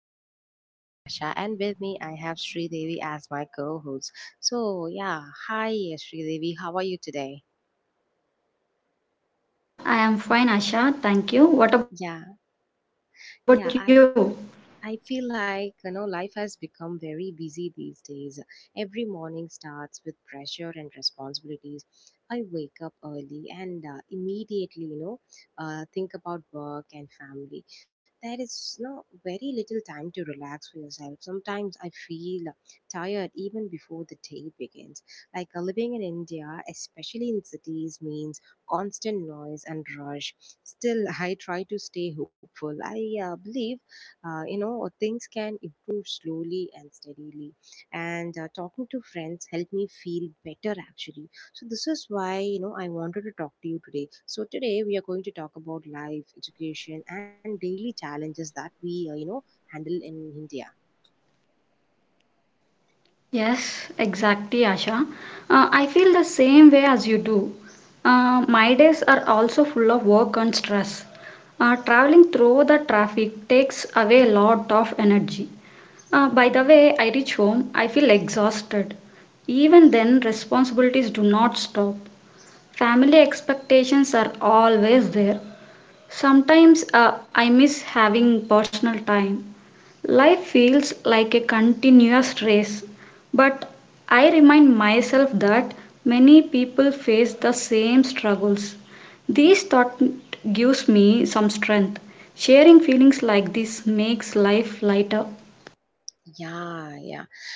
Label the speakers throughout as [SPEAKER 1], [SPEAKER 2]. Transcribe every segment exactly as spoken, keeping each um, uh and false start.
[SPEAKER 1] this is your host Tasha, and with me I have Sri Devi as my co-host. So yeah, hi Sri Devi, how are you today?
[SPEAKER 2] Yeah, I am fine, Asha. Thank you. What about
[SPEAKER 1] Yeah,
[SPEAKER 2] you?
[SPEAKER 1] yeah, I I feel like you know life has become very busy these days. Every morning starts with pressure and responsibilities. I wake up early and uh, immediately, you know uh, think about work and family. There is no very little time to relax for yourself. Sometimes I feel tired even before the day begins. Like uh, living in India, especially in cities, means constant noise and rush. Still, I try to stay hopeful. I uh, believe, uh, you know uh, things can improve slowly and steadily, and uh, talking to friends helped me feel better actually. So this is why, you know I wanted to talk to you today. So today we are going to talk about life, education, and daily challenges that we uh, you know handle in India.
[SPEAKER 2] Yes, exactly, Asha. Uh, I feel the same way as you do. Uh, my days are also full of work and stress. Uh, traveling through the traffic takes away a lot of energy. Uh, by the way I reach home, I feel exhausted. Even then, responsibilities do not stop. Family expectations are always there. Sometimes uh, I miss having personal time. Life feels like a continuous race, but I remind myself that many people face the same struggles. This thought gives me some strength. Sharing feelings like this makes life lighter.
[SPEAKER 1] Yeah, yeah.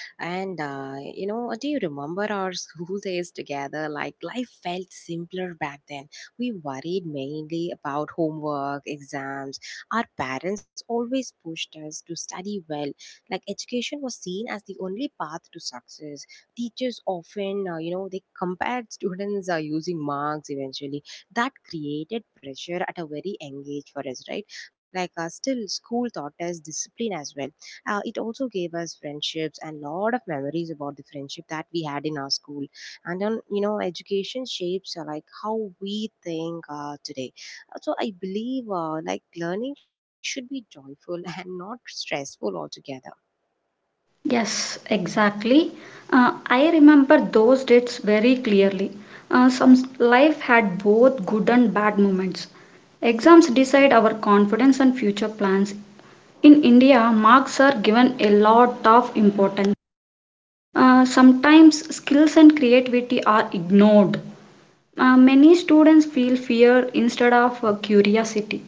[SPEAKER 1] And uh, you know, do you remember our school days together? Like life felt simpler back then. We worried mainly about homework, exams. Our parents always pushed us to study well. Like education was seen as the only path to success. Teachers often, uh, you know, they compared students uh, using marks eventually. That created pressure at a very young age for us, right? Like uh, still school taught us discipline as well. Uh, it also gave us friendships and lot of memories about the friendship that we had in our school. And then, you know education shapes, uh, like how we think, uh, today. Uh, so i believe, uh, like learning should be joyful and not stressful altogether.
[SPEAKER 2] Yes, exactly. Uh, I remember those dates very clearly. Uh, some s- life had both good and bad moments. Exams decide our confidence and future plans. In India, marks are given a lot of importance. Uh, sometimes skills and creativity are ignored. Uh, many students feel fear instead of uh, curiosity.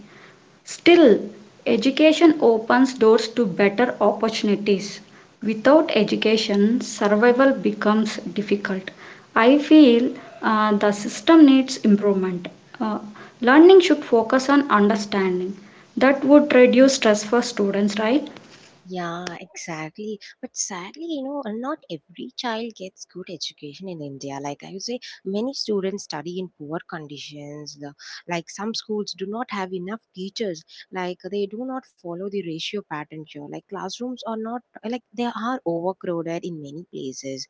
[SPEAKER 2] Still, education opens doors to better opportunities. Without education, survival becomes difficult. I feel uh, the system needs improvement. Uh, Learning should focus on understanding. That would reduce stress for students, right?
[SPEAKER 1] Yeah, exactly. But sadly, you know, uh, not every child gets good education in India. Like I would say, many students study in poor conditions. The, like some schools do not have enough teachers. Like they do not follow the ratio pattern here. Like classrooms are not like they are overcrowded in many places,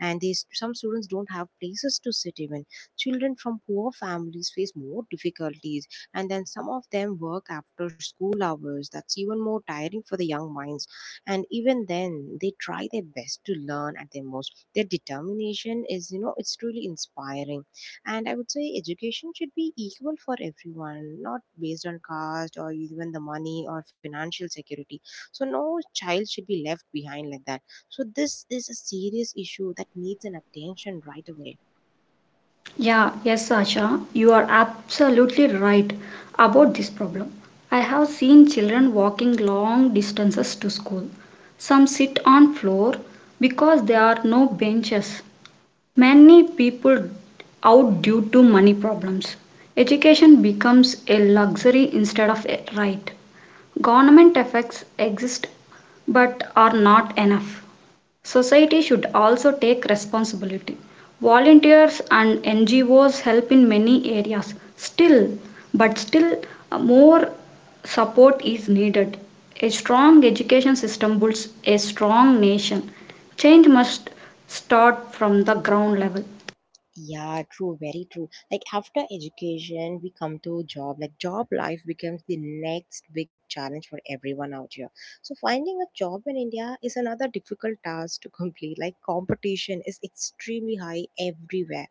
[SPEAKER 1] and these some students don't have places to sit. Even children from poor families face more difficulties, and then some of them work after school hours. That's even more tiring for the young minds. And even then, they try their best to learn at their most. Their determination is, you know, it's truly inspiring. And I would say education should be equal for everyone, not based on caste or even the money or financial security. So no child should be left behind like that. So this is a serious issue that needs an attention right away.
[SPEAKER 2] Yeah, yes, Asha, you are absolutely right about this problem. I have seen children walking long distances to school. Some sit on floor because there are no benches. Many people out due to money problems. Education becomes a luxury instead of a right. Government effects exist but are not enough. Society should also take responsibility. Volunteers and N G Os help in many areas still, but still uh, more support is needed. A strong education system builds a strong nation. Change must start from the ground level.
[SPEAKER 1] Yeah, true, very true. Like after education, we come to job. Like job life becomes the next big challenge for everyone out here. So finding a job in India is another difficult task to complete. Like competition is extremely high everywhere.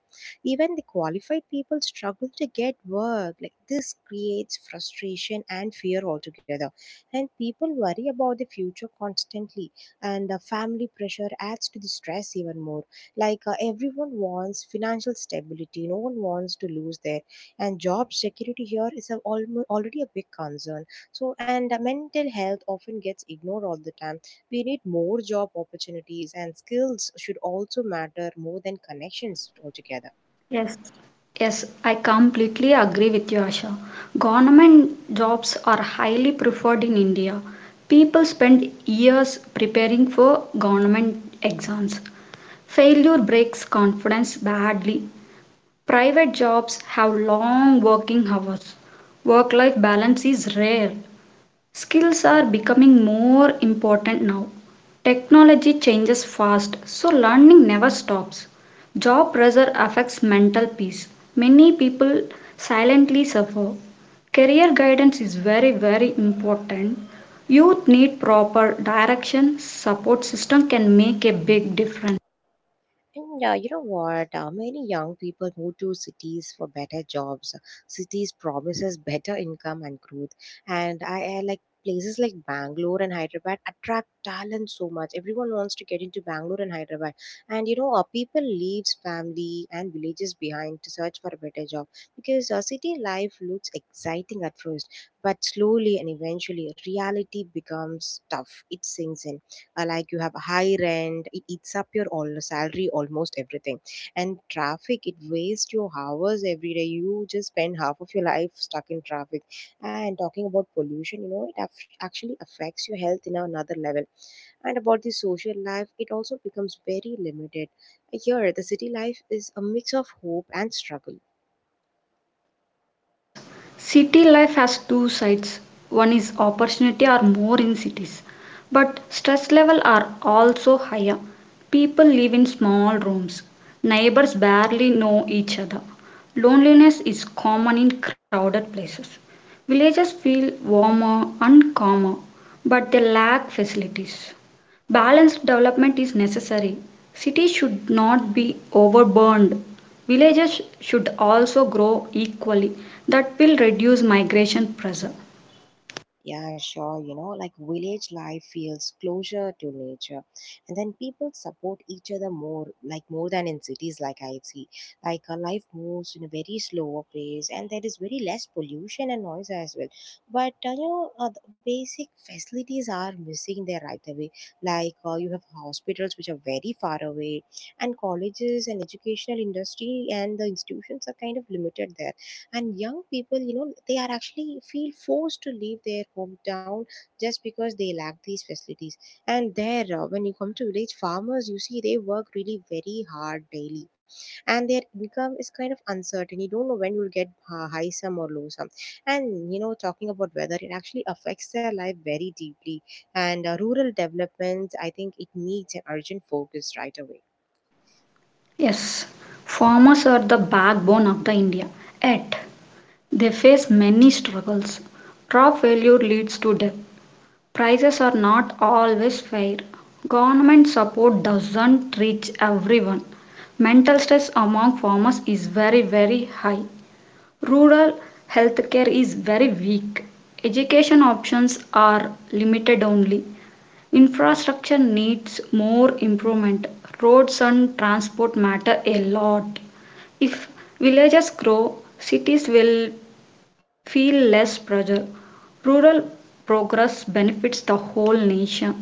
[SPEAKER 1] Even the qualified people struggle to get work. Like this creates frustration and fear altogether. And people worry about the future constantly. And the family pressure adds to the stress even more, like uh, everyone wants financial stability, no one wants to lose their. And job security here is a, almo- already a big concern. So and uh, mental health often gets ignored all the time. We need more job opportunities, and skills should also matter more than connections altogether.
[SPEAKER 2] Yes, yes, I completely agree with you, Asha. Government jobs are highly preferred in India. People spend years preparing for government exams. Failure breaks confidence badly. Private jobs have long working hours. Work life balance is rare. Skills are becoming more important now. Technology changes fast, so learning never stops. Job pressure affects mental peace. Many people silently suffer. Career guidance is very, very important. Youth need proper direction, support system can make a big difference.
[SPEAKER 1] And uh, you know what? Uh, many young people move to cities for better jobs. Cities promises better income and growth. And I, I like places like Bangalore and Hyderabad attract talent so much. Everyone wants to get into Bangalore and Hyderabad. And you know, uh, people leaves family and villages behind to search for a better job, because uh, city life looks exciting at first, but slowly and eventually reality becomes tough. It sinks in. Uh, like you have a high rent, it eats up your all salary, almost everything. And traffic, it wastes your hours every day, you just spend half of your life stuck in traffic. And talking about pollution, you know it aff- actually affects your health in another level. And about the social life, it also becomes very limited. Here the city life is a mix of hope and struggle.
[SPEAKER 2] Yes, city life has two sides. One is opportunity are more in cities, but stress level are also higher. People live in small rooms. Neighbors barely know each other. Loneliness is common in crowded places. Villages feel warmer and calmer, but they lack facilities. Balanced development is necessary. Cities should not be overburdened. Villages should also grow equally. That will reduce migration pressure.
[SPEAKER 1] Yeah, sure. You know, like village life feels closer to nature. And then people support each other more, like more than in cities, like I see. Like uh, life moves in a very slower pace, and there is very less pollution and noise as well. But, uh, you know, uh, the basic facilities are missing there right away. Like uh, you have hospitals which are very far away, and colleges and educational industry and the institutions are kind of limited there. And young people, you know they are actually feel forced to leave their hometown, just because they lack these facilities. And there, uh, when you come to village farmers, you see they work really very hard daily. And their income is kind of uncertain, you don't know when you'll get uh, high sum or low sum. And, you know talking about weather, it actually affects their life very deeply. And uh, rural development, I think it needs an urgent focus right away.
[SPEAKER 2] Yes, farmers are the backbone of the India. Yet, they face many struggles. Crop failure leads to death. Prices are not always fair. Government support doesn't reach everyone. Mental stress among farmers is very, very high. Rural healthcare is very weak. Education options are limited only. Infrastructure needs more improvement. Roads and transport matter a lot. If villages grow, cities will feel less pressure. Rural progress benefits the whole nation.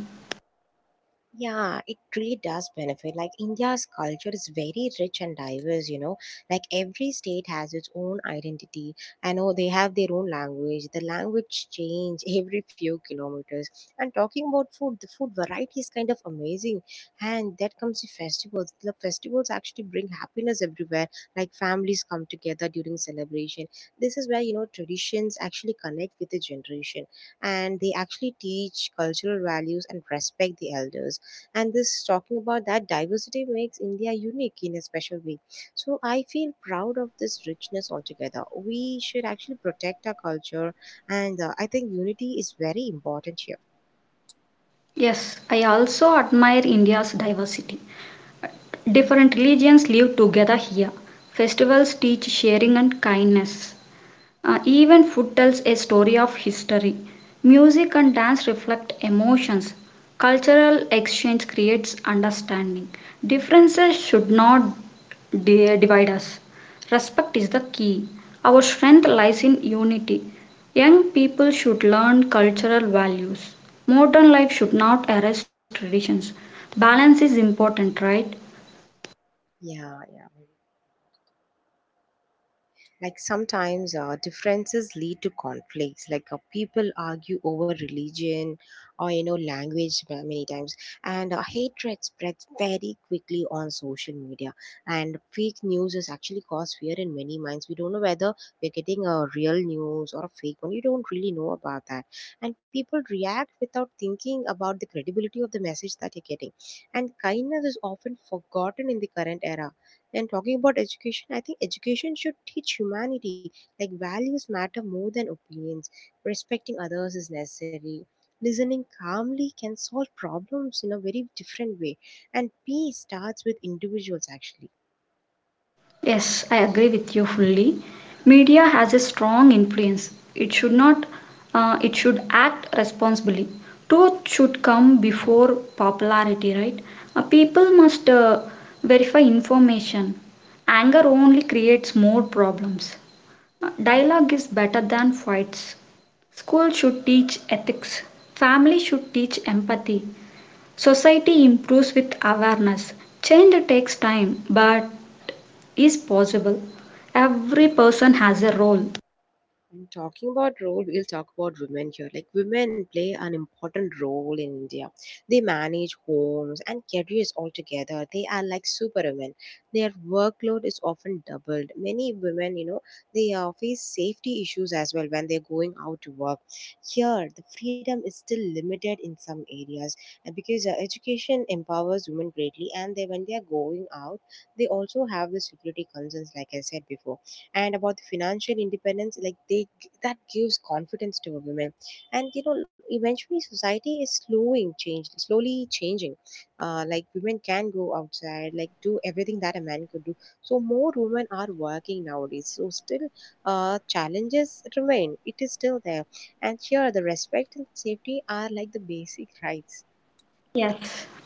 [SPEAKER 1] Yeah, it really does benefit. Like India's culture is very rich and diverse, you know. Like every state has its own identity. I know they have their own language. The language change every few kilometers. And talking about food, the food variety is kind of amazing. And that comes to festivals. The festivals actually bring happiness everywhere. Like families come together during celebration. This is where, you know, traditions actually connect with the generation, and they actually teach cultural values and respect the elders. And this talking about that diversity makes India unique in a special way. So I feel proud of this richness altogether, we should actually protect our culture. And uh, I think unity is very important here.
[SPEAKER 2] Yes, I also admire India's diversity. Different religions live together here. Festivals teach sharing and kindness. Uh, even food tells a story of history. Music and dance reflect emotions. Cultural exchange creates understanding. Differences should not di- divide us. Respect is the key. Our strength lies in unity. Young people should learn cultural values. Modern life should not erase traditions. Balance is important, right?
[SPEAKER 1] Yeah, yeah. Like sometimes, uh, differences lead to conflicts, like uh, people argue over religion, or you know language, ma- many times. And uh, hatred spreads very quickly on social media. And fake news has actually caused fear in many minds, we don't know whether we're getting a real news or a fake one, you don't really know about that. And people react without thinking about the credibility of the message that you're getting. And kindness is often forgotten in the current era. And talking about education, I think education should teach humanity. Like values matter more than opinions. Respecting others is necessary. Listening calmly can solve problems in a very different way. And peace starts with individuals actually.
[SPEAKER 2] Yes, I agree with you fully. Media has a strong influence. It should not, uh, It should act responsibly. Truth should come before popularity, right? Uh, people must uh, verify information. Anger only creates more problems. Uh, dialogue is better than fights. School should teach ethics. Family should teach empathy. Society improves with awareness. Change takes time, but is possible. Every person has a role.
[SPEAKER 1] And talking about role, we'll talk about women here. Like women play an important role in India. They manage homes and careers altogether. They are like superwomen. Their workload is often doubled. Many women, you know, they uh, face safety issues as well when they're going out to work. Here, the freedom is still limited in some areas, and because uh, education empowers women greatly, and they, when they are going out, they also have the security concerns, like I said before. And about the financial independence, like they that gives confidence to a woman, and, you know eventually, society is slowing change slowly changing. Uh, like women can go outside, like do everything that a man could do. So more women are working nowadays. So still, uh, challenges remain, it is still there. And here the respect and safety are like the basic rights.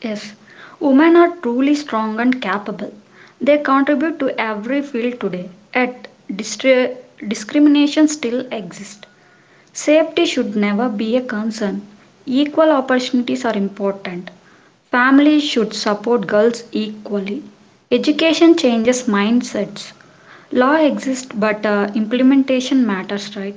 [SPEAKER 2] Yes, women are truly strong and capable. They contribute to every field today. Yet, distri- discrimination still exists. Safety should never be a concern. Equal opportunities are important. Families should support girls equally. Education changes mindsets. Law exists, but uh, implementation matters, right?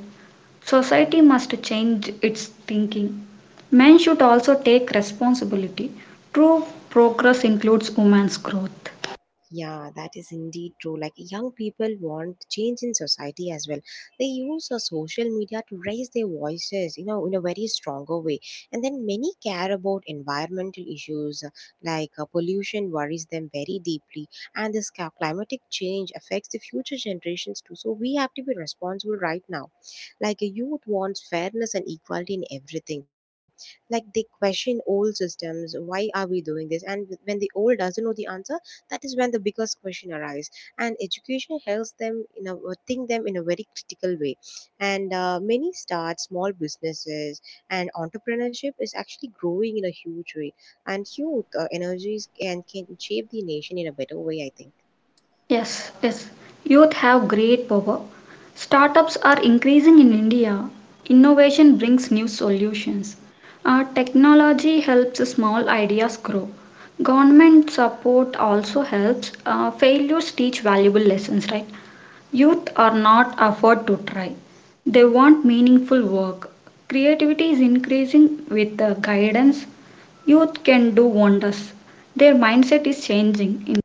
[SPEAKER 2] Society must change its thinking. Men should also take responsibility. True progress includes women's growth.
[SPEAKER 1] Yeah, that is indeed true. Like young people want change in society as well. They use uh, social media to raise their voices, you know, in a very stronger way. And then many care about environmental issues, uh, like uh, pollution worries them very deeply. And this ca- climatic change affects the future generations too. So we have to be responsible right now. Like a youth wants fairness and equality in everything. Like they question old systems. Why are we doing this? And when the old doesn't know the answer, that is when the biggest question arises. And education helps them in a uh, think them in a very critical way. And uh, many start small businesses, and entrepreneurship is actually growing in a huge way. And youth uh, energies can, can shape the nation in a better way, I think.
[SPEAKER 2] Yes, yes. Youth have great power. Startups are increasing in India. Innovation brings new solutions. Uh, technology helps small ideas grow. Government support also helps. Uh, failures teach valuable lessons, right? Youth are not afford to try. They want meaningful work. Creativity is increasing with the guidance. Youth can do wonders. Their mindset is changing. In-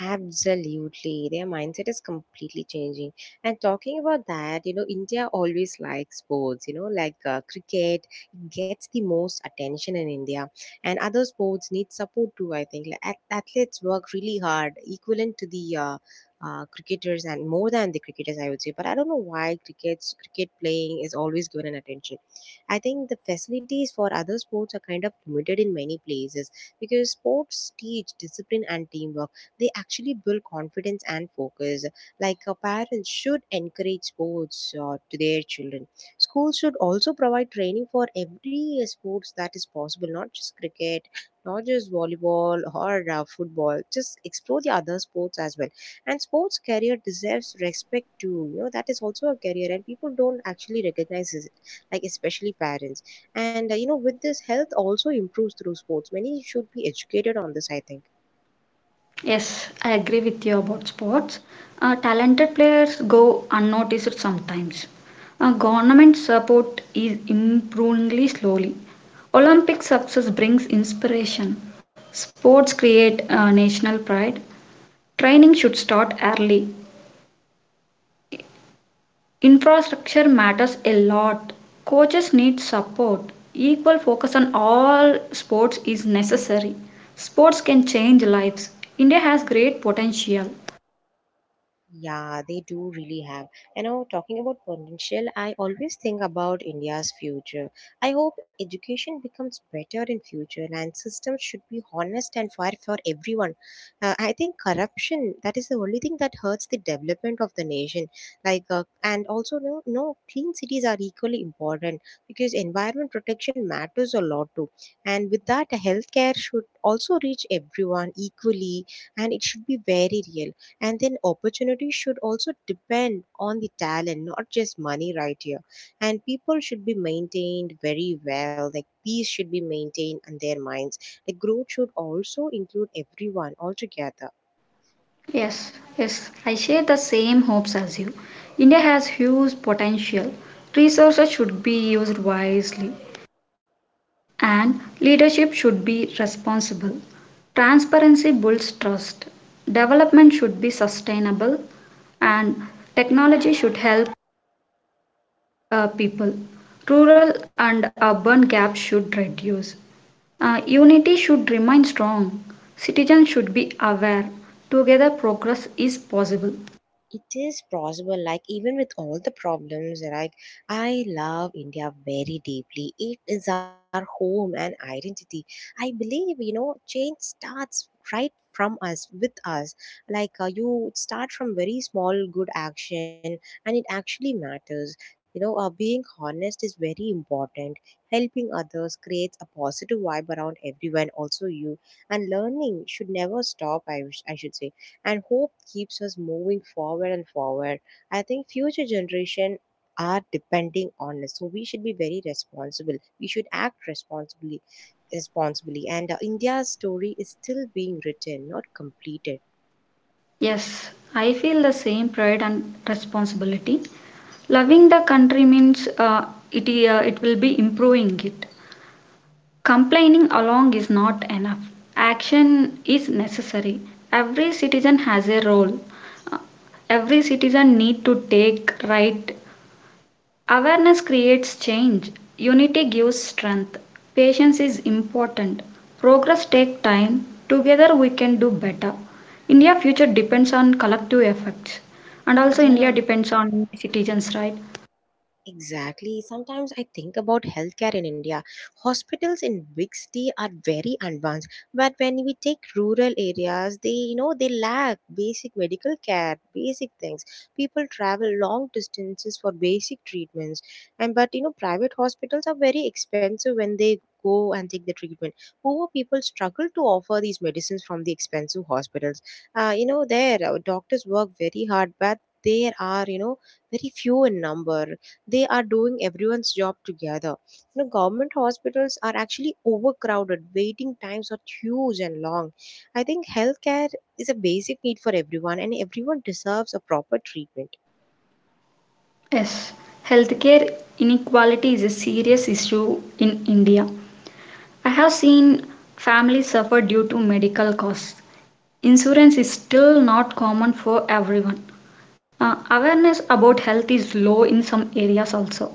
[SPEAKER 1] Absolutely. Their mindset is completely changing. And talking about that, you know, India always likes sports, you know, like uh, cricket, it gets the most attention in India. And other sports need support too, I think. Like, ath- athletes work really hard, equivalent to the uh, uh, cricketers and more than the cricketers, I would say. But I don't know why cricket's cricket playing is always given an attention. I think the facilities for other sports are kind of limited in many places, because sports teach discipline and teamwork, they actually build confidence and focus. Like uh, parents should encourage sports uh, to their children. Schools should also provide training for every uh, sports that is possible, not just cricket, not just volleyball or uh, football. Just explore the other sports as well. And sports career deserves respect too. You know that is also a career, and people don't actually recognize it, like especially parents. And uh, you know with this, health also improves through sports. Many should be educated on this, I think.
[SPEAKER 2] Yes, I agree with you about sports. Uh, talented players go unnoticed sometimes. Uh, government support is improvingly slowly. Olympic success brings inspiration. Sports create uh, national pride. Training should start early. Infrastructure matters a lot. Coaches need support. Equal focus on all sports is necessary. Sports can change lives. India has great potential.
[SPEAKER 1] Yeah, they do really have. You know, talking about potential, I always think about India's future. I hope education becomes better in future and systems should be honest and fair for everyone. Uh, I think corruption, that is the only thing that hurts the development of the nation. Like, uh, and also, no, no, clean cities are equally important because environment protection matters a lot too. And with that, healthcare should also reach everyone equally and it should be very real, and then opportunity should also depend on the talent, not just money right here, and people should be maintained very well, like peace should be maintained in their minds, like growth should also include everyone altogether.
[SPEAKER 2] Yes, yes, I share the same hopes as you. India has huge potential. Resources should be used wisely, and leadership should be responsible. Transparency builds trust. Development should be sustainable, and technology should help uh, people. Rural and urban gaps should reduce. Uh, unity should remain strong. Citizens should be aware. Together, progress is possible.
[SPEAKER 1] It is possible, like even with all the problems, like I love India very deeply. It is our home and identity. I believe, you know, change starts right from us, with us. Like uh, you start from very small good action, and it actually matters. You know uh, being honest is very important. Helping others creates a positive vibe around everyone also you. And learning should never stop, i, wish- I should say. And hope keeps us moving forward and forward. I think future generation are depending on us, so we should be very responsible. We should act responsibly responsibly and uh, India's story is still being written, not completed.
[SPEAKER 2] Yes, I feel the same pride and responsibility. Loving the country means uh, it, uh, it will be improving it. Complaining along is not enough. Action is necessary. Every citizen has a role. Every citizen need to take right. Awareness creates change. Unity gives strength. Patience is important. Progress takes time. Together we can do better. India future depends on collective efforts and also India
[SPEAKER 1] Yeah.
[SPEAKER 2] depends on citizens, right?
[SPEAKER 1] Exactly. Sometimes I think about healthcare in India. Hospitals in big city are very advanced, but when we take rural areas, they, you know, they lack basic medical care, basic things. People travel long distances for basic treatments, and but you know private hospitals are very expensive when they go and take the treatment. Poor people struggle to offer these medicines from the expensive hospitals. Uh, you know there uh, doctors work very hard, but there are, you know, very few in number. They are doing everyone's job together. You know government hospitals are actually overcrowded, waiting times are huge and long. I think healthcare is a basic need for everyone, and everyone deserves a proper treatment.
[SPEAKER 2] Yes. Healthcare inequality is a serious issue in India. I have seen families suffer due to medical costs. Insurance is still not common for everyone. Uh, awareness about health is low in some areas also.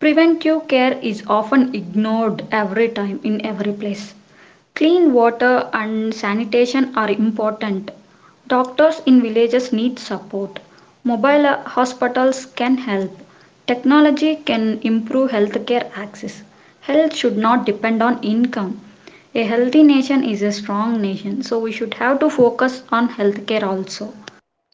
[SPEAKER 2] Preventive care is often ignored every time in every place. Clean water and sanitation are important. Doctors in villages need support. Mobile uh, hospitals can help. Technology can improve healthcare access. Health should not depend on income. A healthy nation is a strong nation, so we should have to focus on healthcare also.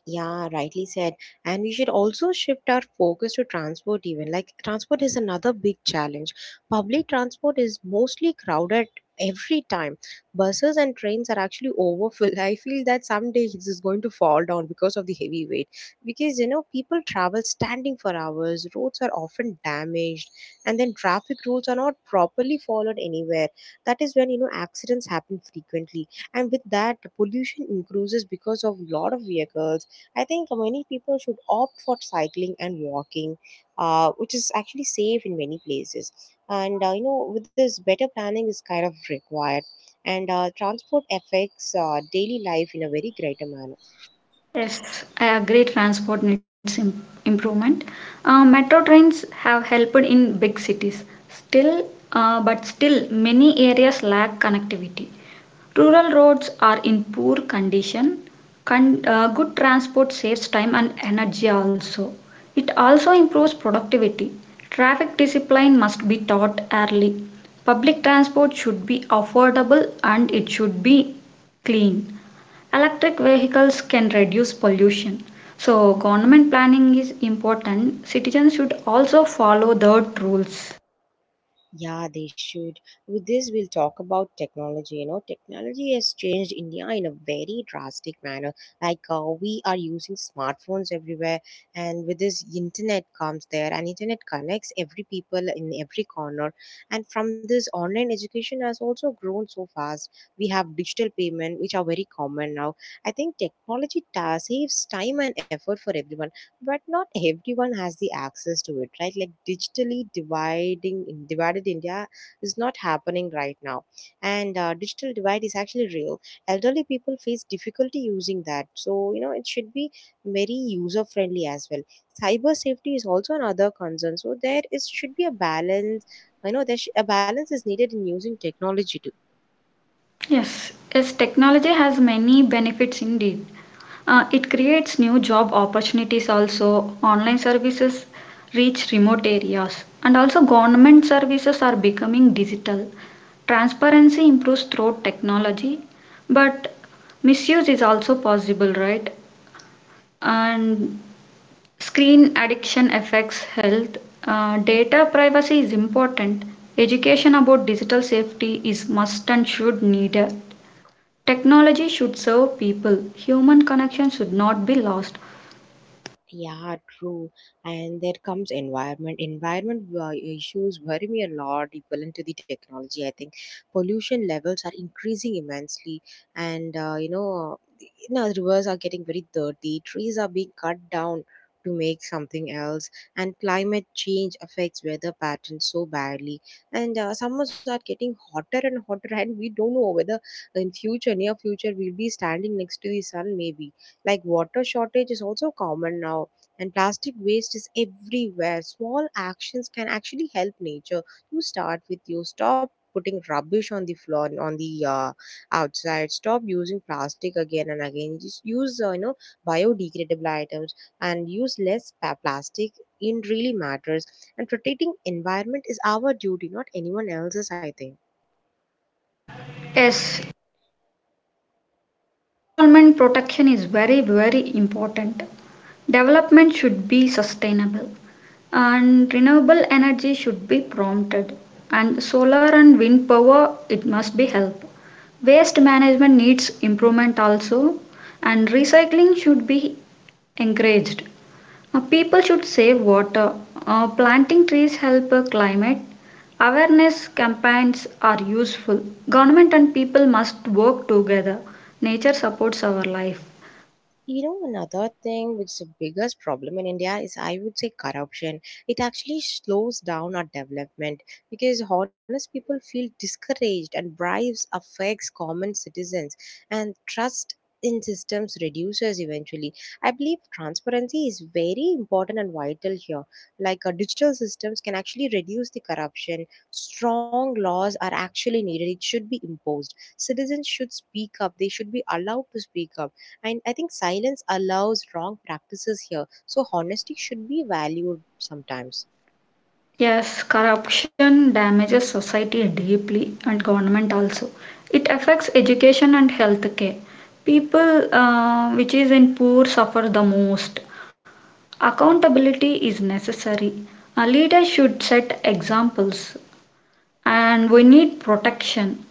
[SPEAKER 1] Yeah, rightly said. And we should also shift our focus to transport, even. Like, transport is another big challenge. Public transport is mostly crowded every time. Buses and trains are actually overfilled. I feel that someday this is going to fall down because of the heavy weight. Because, you know, people travel standing for hours, roads are often damaged, and then traffic rules are not properly followed anywhere. That is when, you know, accidents happen frequently. And with that, pollution increases because of lot of vehicles. I think many people should opt for cycling and walking, uh, which is actually safe in many places. And uh, you know, with this, better planning is kind of required, and uh, transport affects uh, daily life in a very greater manner.
[SPEAKER 2] I agree transport needs im- improvement. Uh, metro trains have helped in big cities. Still, uh, but still many areas lack connectivity. Rural roads are in poor condition. Con- uh, good transport saves time and energy also. It also improves productivity. Traffic discipline must be taught early. Public transport should be affordable and it should be clean. Electric vehicles can reduce pollution. So government planning is important. Citizens should also follow the rules.
[SPEAKER 1] Yeah, they should. With this, we'll talk about technology. You know, technology has changed India in a very drastic manner. Like, uh, we are using smartphones everywhere, and with this, internet comes there, and internet connects every people in every corner. And from this, online education has also grown so fast. We have digital payment, which are very common now. I think technology ta- saves time and effort for everyone, but not everyone has the access to it, right? Like digitally dividing divided India is not happening right now. And uh, digital divide is actually real. Elderly people face difficulty using that, so you know it should be very user friendly as well. Cyber safety is also another concern, so there is should be a balance. I know there sh- a balance is needed in using technology too.
[SPEAKER 2] Yes, yes, technology has many benefits indeed. Uh, it creates new job opportunities also. Online services reach remote areas. And also government services are becoming digital. Transparency improves through technology, but misuse is also possible, right? And screen addiction affects health. Uh, data privacy is important. Education about digital safety is must and should needed. Technology should serve people. Human connection should not be lost.
[SPEAKER 1] Yeah, true. And there comes environment. Environment uh, issues worry me a lot equivalent to the technology. I think pollution levels are increasing immensely, and uh, you know, you know, rivers are getting very dirty. Trees are being cut down to make something else, and climate change affects weather patterns so badly. And uh, summers are getting hotter and hotter, and we don't know whether in future, near future, we'll be standing next to the sun maybe. Like water shortage is also common now, and plastic waste is everywhere. Small actions can actually help nature. You start with you stop putting rubbish on the floor, on the uh, outside. Stop using plastic again and again. Just use uh, you know biodegradable items, and use less pa- plastic. It really matters. And protecting environment is our duty, not anyone else's, I think.
[SPEAKER 2] Yes, environment protection is very very important. Development should be sustainable and renewable energy should be prompted and solar and wind power it must be helped. Waste management needs improvement also, and recycling should be encouraged. Uh, people should save water. Uh, planting trees help uh, climate. Awareness campaigns are useful. Government and people must work together. Nature supports our life.
[SPEAKER 1] You know, another thing which is the biggest problem in India is, I would say, corruption. It actually slows down our development because honest people feel discouraged, and bribes affects common citizens, and trust in systems reduces eventually. I believe transparency is very important and vital here. Like uh, digital systems can actually reduce the corruption. Strong laws are actually needed. It should be imposed. Citizens should speak up. They should be allowed to speak up, and I think silence allows wrong practices here. So honesty should be valued sometimes.
[SPEAKER 2] Yes, corruption damages society deeply and government also. It affects education and health care. People uh, Which is in poor suffer the most. Accountability is necessary. A leader should set examples and we need protection.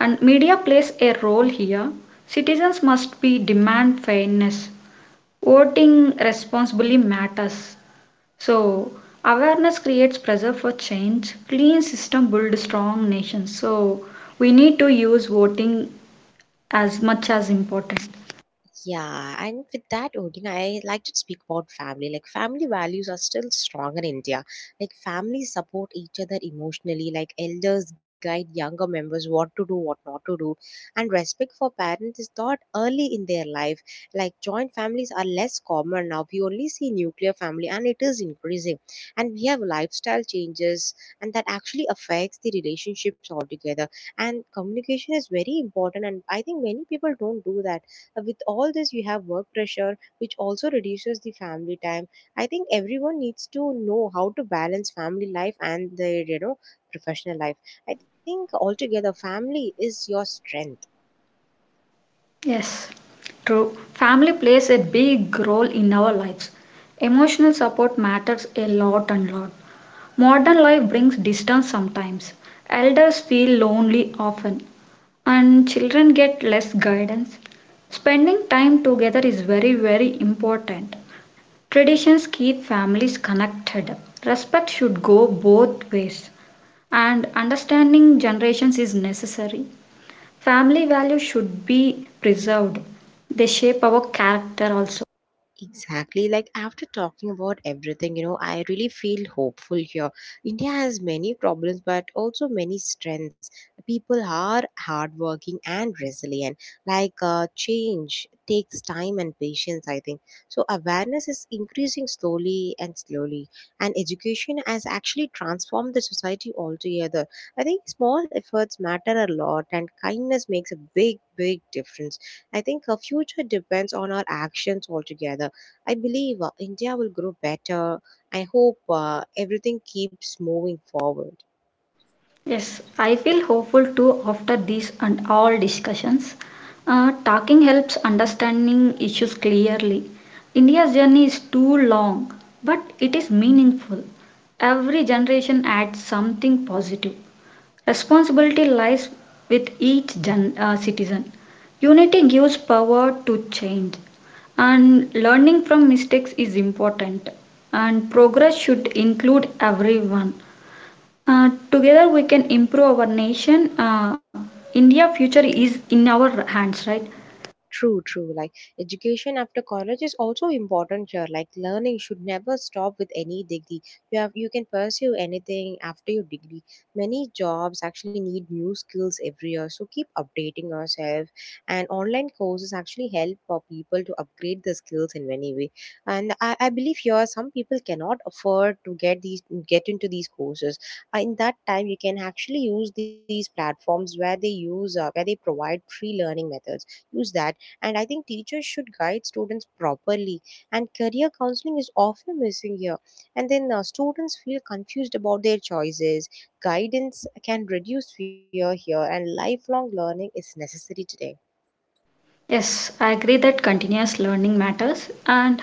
[SPEAKER 2] And media plays a role here. Citizens must be demand fairness. Voting responsibly matters. So awareness creates pressure for change. Clean system builds strong nations. So we need to use voting as much as important.
[SPEAKER 1] Yeah, and with that, Odin, I like to speak about family. Like, family values are still strong in India. Like, families support each other emotionally. Like, elders guide younger members what to do, what not to do. And respect for parents is taught early in their life. Like, joint families are less common now. We only see nuclear family, and it is increasing. And we have lifestyle changes, and that actually affects the relationships altogether. And communication is very important, and I think many people don't do that. Uh, with all this you have work pressure which also reduces the family time. I think everyone needs to know how to balance family life and their, you know, professional life. I think altogether family is your strength.
[SPEAKER 2] Yes, true. Family plays a big role in our lives. Emotional support matters a lot and lot. Modern life brings distance sometimes. Elders feel lonely often, and children get less guidance. Spending time together is very, very important. Traditions keep families connected. Respect should go both ways, and understanding generations is necessary. Family values should be preserved. They shape our character also.
[SPEAKER 1] Exactly. Like after talking about everything, you know, I really feel hopeful here. India has many problems, but also many strengths. People are hardworking and resilient. Like uh, change takes time and patience, I think. So awareness is increasing slowly and slowly. And education has actually transformed the society altogether. I think small efforts matter a lot, and kindness makes a big, big difference. I think our future depends on our actions altogether. I believe uh, India will grow better. I hope uh, everything keeps moving forward.
[SPEAKER 2] Yes, I feel hopeful too after these and all discussions. Uh, talking helps understanding issues clearly. India's journey is too long, but it is meaningful. Every generation adds something positive. Responsibility lies with each gen- uh, citizen. Unity gives power to change. And learning from mistakes is important and progress should include everyone. Uh, together we can improve our nation. Uh, india future is in our hands, right?
[SPEAKER 1] True, true. Like education after college is also important here. Like learning should never stop with any degree. You have you can pursue anything after your degree. Many jobs actually need new skills every year. So keep updating yourself. And online courses actually help for people to upgrade the skills in many way. And I, I believe here some people cannot afford to get these get into these courses. Uh, in that time you can actually use these platforms where they use uh, where they provide free learning methods. Use that, and I think teachers should guide students properly, and career counseling is often missing here. And then uh, students feel confused about their choices. Guidance can reduce fear here, and lifelong learning is necessary today.
[SPEAKER 2] Yes, I agree that continuous learning matters and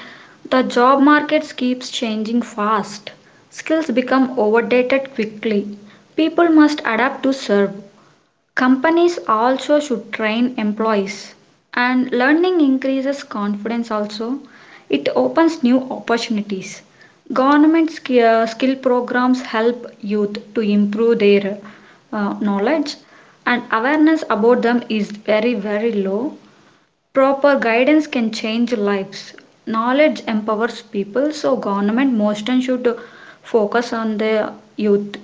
[SPEAKER 2] the job markets keeps changing fast. Skills become outdated quickly. People must adapt to serve. Companies also should train employees, and learning increases confidence also. It opens new opportunities. Government sk- uh, skill programs help youth to improve their uh, knowledge, and awareness about them is very, very low. Proper guidance can change lives. Knowledge empowers people, so government most should focus on the youth.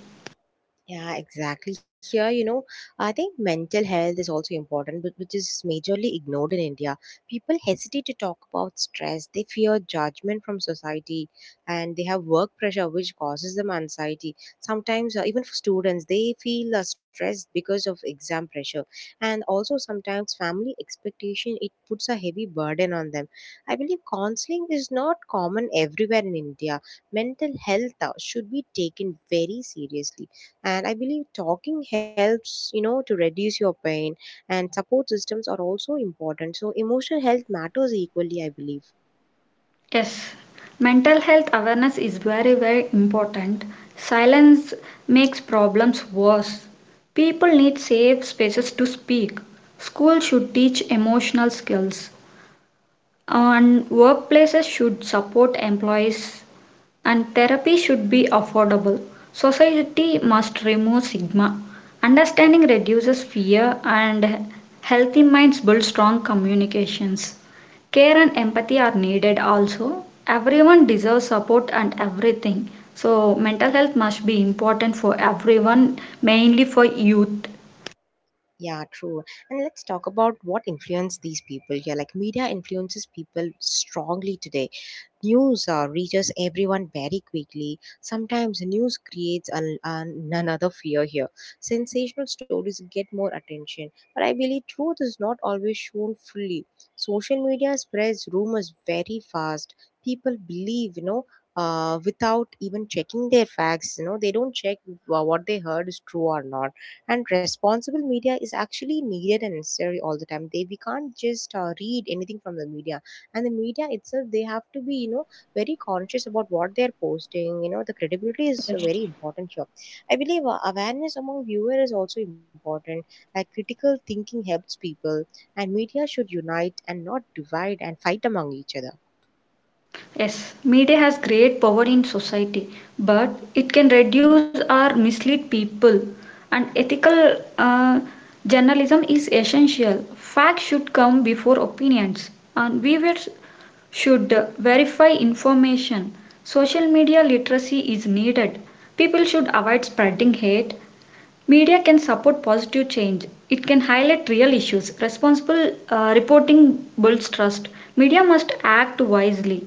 [SPEAKER 1] Yeah, exactly. Here, you know, I think mental health is also important, but which is majorly ignored in India. People hesitate to talk about stress. They fear judgment from society, and they have work pressure, which causes them anxiety. Sometimes, uh, even for students, they feel uh, stressed because of exam pressure, and also sometimes family expectation. It puts a heavy burden on them. I believe counseling is not common everywhere in India. Mental health uh, should be taken very seriously, and I believe talking helps, you know, to reduce your pain. And support systems are also important, so emotional health matters equally, I believe.
[SPEAKER 2] Yes, mental health awareness is very, very important. Silence makes problems worse. People need safe spaces to speak. Schools should teach emotional skills, and workplaces should support employees and therapy should be affordable. Society must remove stigma. Understanding reduces fear, and healthy minds build strong communications. Care and empathy are needed also. Everyone deserves support and everything. So, mental health must be important for everyone, mainly for youth.
[SPEAKER 1] Yeah, true. And let's talk about what influence these people here. Like media influences people strongly today. News uh, reaches everyone very quickly. Sometimes news creates an, an, another fear here. Sensational stories get more attention, but I believe truth is not always shown fully. Social media spreads rumors very fast. People believe, you know, uh, without even checking their facts. You know they don't check wha- what they heard is true or not. And responsible media is actually needed and necessary all the time. They, we can't just uh, read anything from the media. And the media itself, they have to be, you know, very conscious about what they're posting. You know the credibility is very important here. I believe uh, awareness among viewers is also important. Like critical thinking helps people, and media should unite and not divide and fight among each other.
[SPEAKER 2] Yes, media has great power in society, but it can reduce or mislead people. And ethical uh, journalism is essential. Facts should come before opinions, and viewers should verify information. Social media literacy is needed. People should avoid spreading hate. Media can support positive change. It can highlight real issues. Responsible uh, reporting builds trust. Media must act wisely.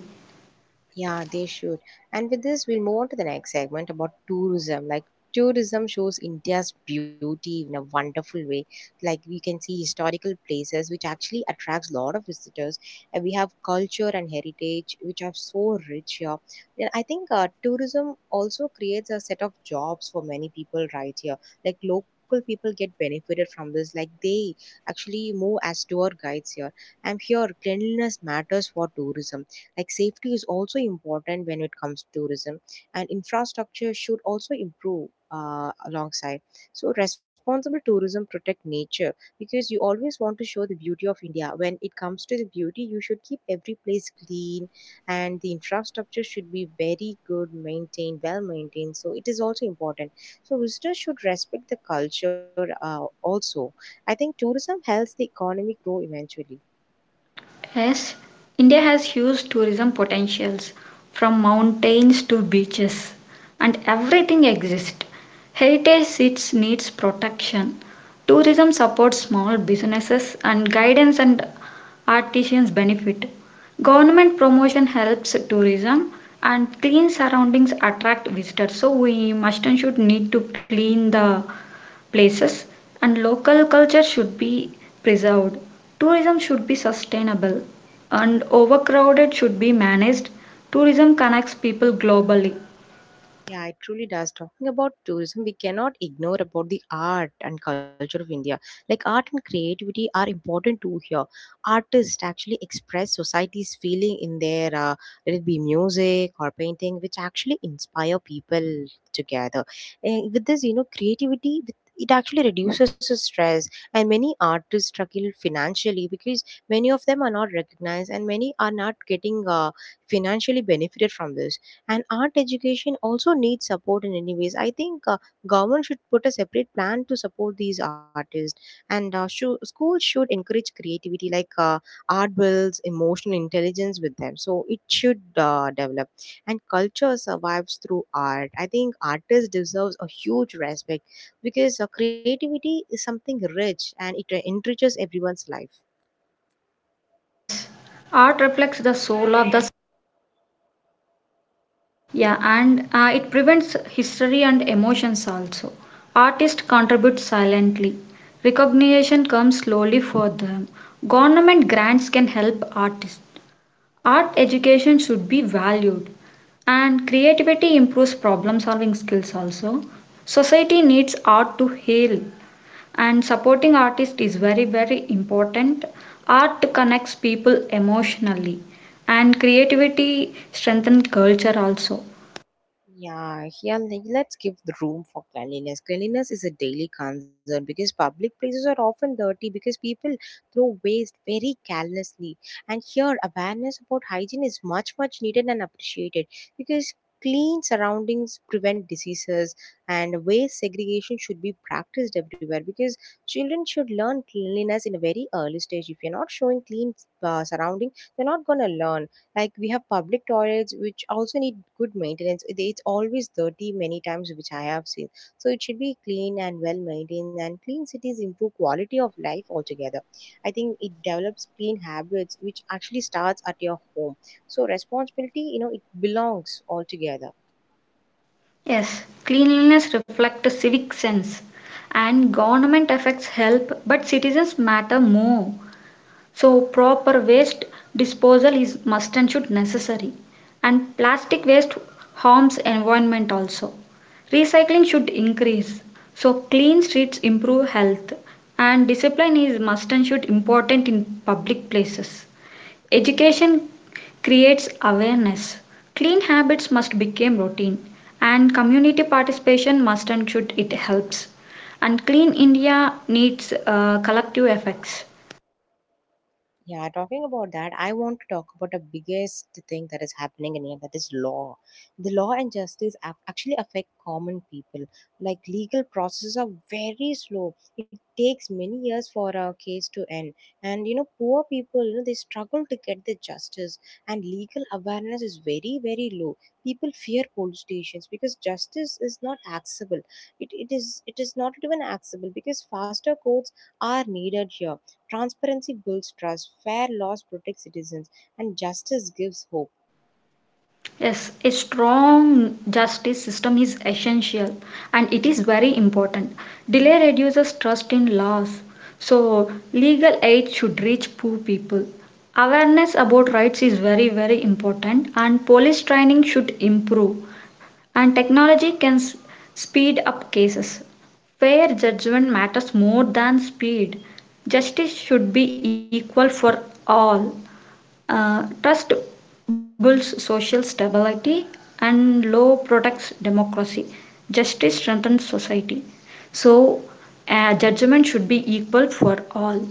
[SPEAKER 1] Yeah, they should. And with this, we'll move on to the next segment about tourism. Like, tourism shows India's beauty in a wonderful way. Like, we can see historical places, which actually attracts a lot of visitors. And we have culture and heritage, which are so rich here. Then I think uh, tourism also creates a set of jobs for many people right here. Like, local people get benefited from this. Like, they actually move as tour guides here. And here, cleanliness matters for tourism, like safety is also important when it comes to tourism, and infrastructure should also improve uh, alongside. So responsible tourism protect nature, because you always want to show the beauty of india. When it comes to the beauty, you should keep every place clean, and the infrastructure should be very good maintained, well maintained, so it is also important. So visitors should respect the culture uh, also. I think tourism helps the economy grow eventually.
[SPEAKER 2] Yes, India has huge tourism potentials from mountains to beaches, and everything exists. Heritage sites needs protection. Tourism supports small businesses and guidance and artisans benefit. Government promotion helps tourism and clean surroundings attract visitors. So we must and should need to clean the places and local culture should be preserved. Tourism should be sustainable and overcrowded should be managed. Tourism connects people globally.
[SPEAKER 1] Yeah, it truly does. Talking about tourism, we cannot ignore about the art and culture of India. Like art and creativity are important too here. Artists actually express society's feeling in their, uh, let it be music or painting, which actually inspire people together. And with this, you know, creativity. With it actually reduces the stress, and many artists struggle financially because many of them are not recognized and many are not getting uh, financially benefited from this. And art education also needs support in any ways. I think uh, government should put a separate plan to support these artists, and uh, shou- schools should encourage creativity, like uh, art builds emotional intelligence with them, so it should uh, develop. And culture survives through art. I think artists deserves a huge respect, because uh, creativity is something rich, and it uh, enriches everyone's life.
[SPEAKER 2] Yes, art reflects the soul of the yeah, and uh, it prevents history and emotions also. Artists contribute silently. Recognition comes slowly for them. Government grants can help artists. Art education should be valued, and creativity improves problem solving skills also. Society needs art to heal, and supporting artists is very, very important. Art connects people emotionally, and creativity strengthens culture also.
[SPEAKER 1] Yeah, yeah, like, let's give the room for cleanliness. Cleanliness is a daily concern because public places are often dirty because people throw waste very carelessly. And here, awareness about hygiene is much, much needed and appreciated, because clean surroundings prevent diseases, and waste segregation should be practiced everywhere, because children should learn cleanliness in a very early stage. If you're not showing clean uh, surrounding, they're not going to learn. Like we have public toilets which also need good maintenance. It- it's always dirty many times, which I have seen. So it should be clean and well maintained, and clean cities improve quality of life altogether. I think it develops clean habits, which actually starts at your home. So responsibility, you know, it belongs altogether.
[SPEAKER 2] Yes, cleanliness reflects civic sense, and government effects help, but citizens matter more. So proper waste disposal is must and should necessary and plastic waste harms environment also. Recycling should increase. So clean streets improve health and discipline is must and should important in public places. Education creates awareness. Clean habits must become routine and community participation must and should it helps. And clean India needs uh, collective effects.
[SPEAKER 1] Yeah, talking about that, I want to talk about the biggest thing that is happening in India, that is law. The law and justice ap- actually affect common people. Like legal processes are very slow. It takes many years for a case to end. And you know, poor people, you know, they struggle to get the justice, and legal awareness is very, very low. People fear police stations because justice is not accessible. It, it is it is not even accessible because faster courts are needed here. Transparency builds trust, fair laws protect citizens, and justice gives hope.
[SPEAKER 2] Yes, a strong justice system is essential and it is very important. Delay reduces trust in laws. So, legal aid should reach poor people. Awareness about rights is very, very important, and police training should improve. And technology can s- speed up cases. Fair judgment matters more than speed. Justice should be equal for all. Uh, trust builds social stability and law protects democracy. Justice strengthens society. So, a judgment should be equal for all.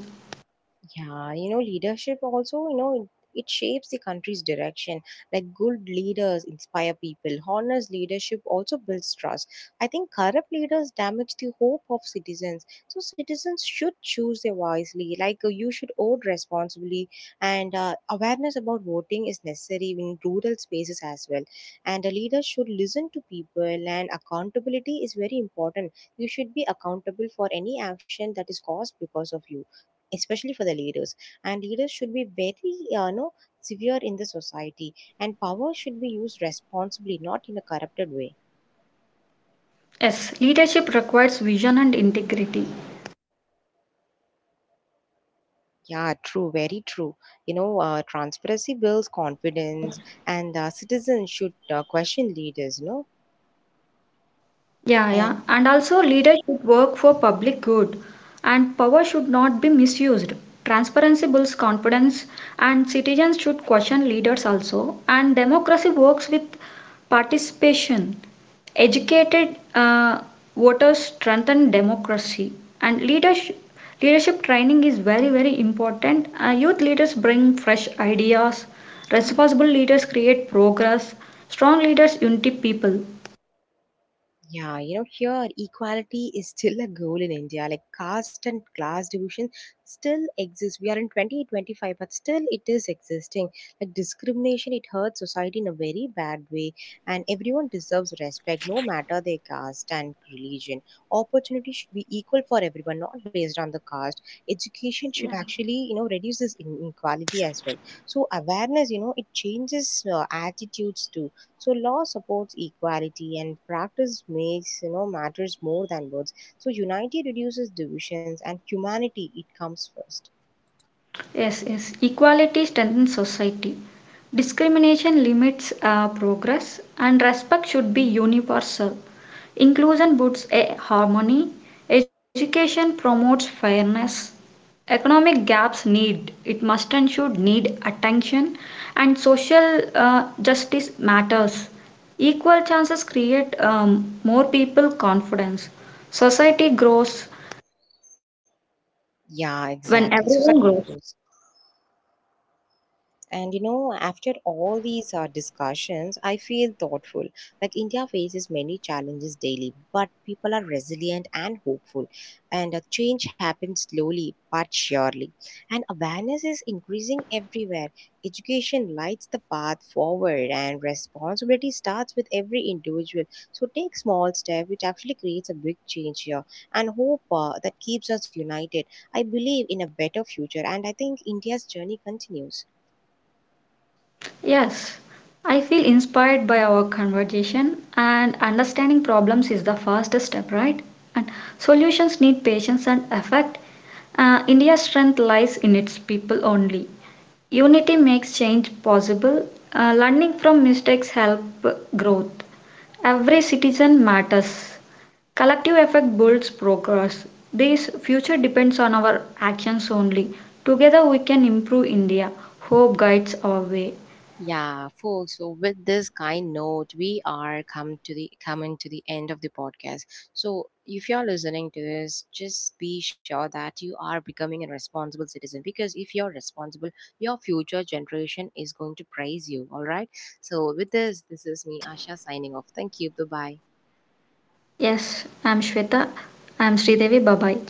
[SPEAKER 1] Yeah, you know, leadership also, you know, it shapes the country's direction. Like good leaders inspire people. Honest leadership also builds trust. I think corrupt leaders damage the hope of citizens. So citizens should choose their wisely. Like uh, you should vote responsibly, and uh, awareness about voting is necessary in rural spaces as well. And a leader should listen to people, and accountability is very important. You should be accountable for any action that is caused because of you, especially for the leaders. And leaders should be very uh, you know, severe in the society, and power should be used responsibly, not in a corrupted way.
[SPEAKER 2] Yes, leadership requires vision and integrity.
[SPEAKER 1] Yeah, true, very true. You know, uh, transparency builds confidence, and uh, citizens should uh, question leaders, you know.
[SPEAKER 2] Yeah, yeah.
[SPEAKER 1] And
[SPEAKER 2] And also, leaders should work for public good, and power should not be misused. Transparency builds confidence, and citizens should question leaders also. And democracy works with participation. Educated uh, voters strengthen democracy, and leadership leadership training is very very important. Uh, youth leaders bring fresh ideas. Responsible leaders create progress. Strong leaders unite people.
[SPEAKER 1] yeah, you know, here equality is still a goal in India. Like caste and class division still exist. We are in twenty twenty-five, but still it is existing. Like discrimination, it hurts society in a very bad way. And everyone deserves respect, no matter their caste and religion. Opportunity should be equal for everyone, not based on the caste. Education should actually, you know, reduce this inequality as well. So awareness, you know, it changes uh, attitudes too. So law supports equality, and practice, makes you know, matters more than words. So unity reduces divisions, and humanity, it comes first.
[SPEAKER 2] Yes, yes. Equality strengthens society. Discrimination limits uh, progress, and respect should be universal. Inclusion boosts a harmony. Education promotes fairness. Economic gaps need, it must and should need attention, and social uh, justice matters. Equal chances create um, more people confidence. Society grows
[SPEAKER 1] Yeah, exactly.
[SPEAKER 2] when everyone
[SPEAKER 1] Society.
[SPEAKER 2] grows.
[SPEAKER 1] And you know, after all these uh, discussions, I feel thoughtful. Like India faces many challenges daily, but people are resilient and hopeful. And a change happens slowly but surely. And awareness is increasing everywhere. Education lights the path forward, and responsibility starts with every individual. So take small step, which actually creates a big change here, and hope uh, that keeps us united. I believe in a better future, and I think India's journey continues.
[SPEAKER 2] Yes, I feel inspired by our conversation, and understanding problems is the first step, right? And solutions need patience and effort. Uh, India's strength lies in its people only. Unity makes change possible. Uh, learning from mistakes help growth. Every citizen matters. Collective effort builds progress. This future depends on our actions only. Together we can improve India. Hope guides our way.
[SPEAKER 1] Yeah, folks. So with this kind note, we are come to the coming to the end of the podcast. So if you're listening to this, just be sure that you are becoming a responsible citizen, because if you're responsible, your future generation is going to praise you. All right. So with this, this is me, Asha, signing off. Thank you. Bye bye.
[SPEAKER 2] Yes, I'm Shweta. I'm Sridevi, bye. Bye.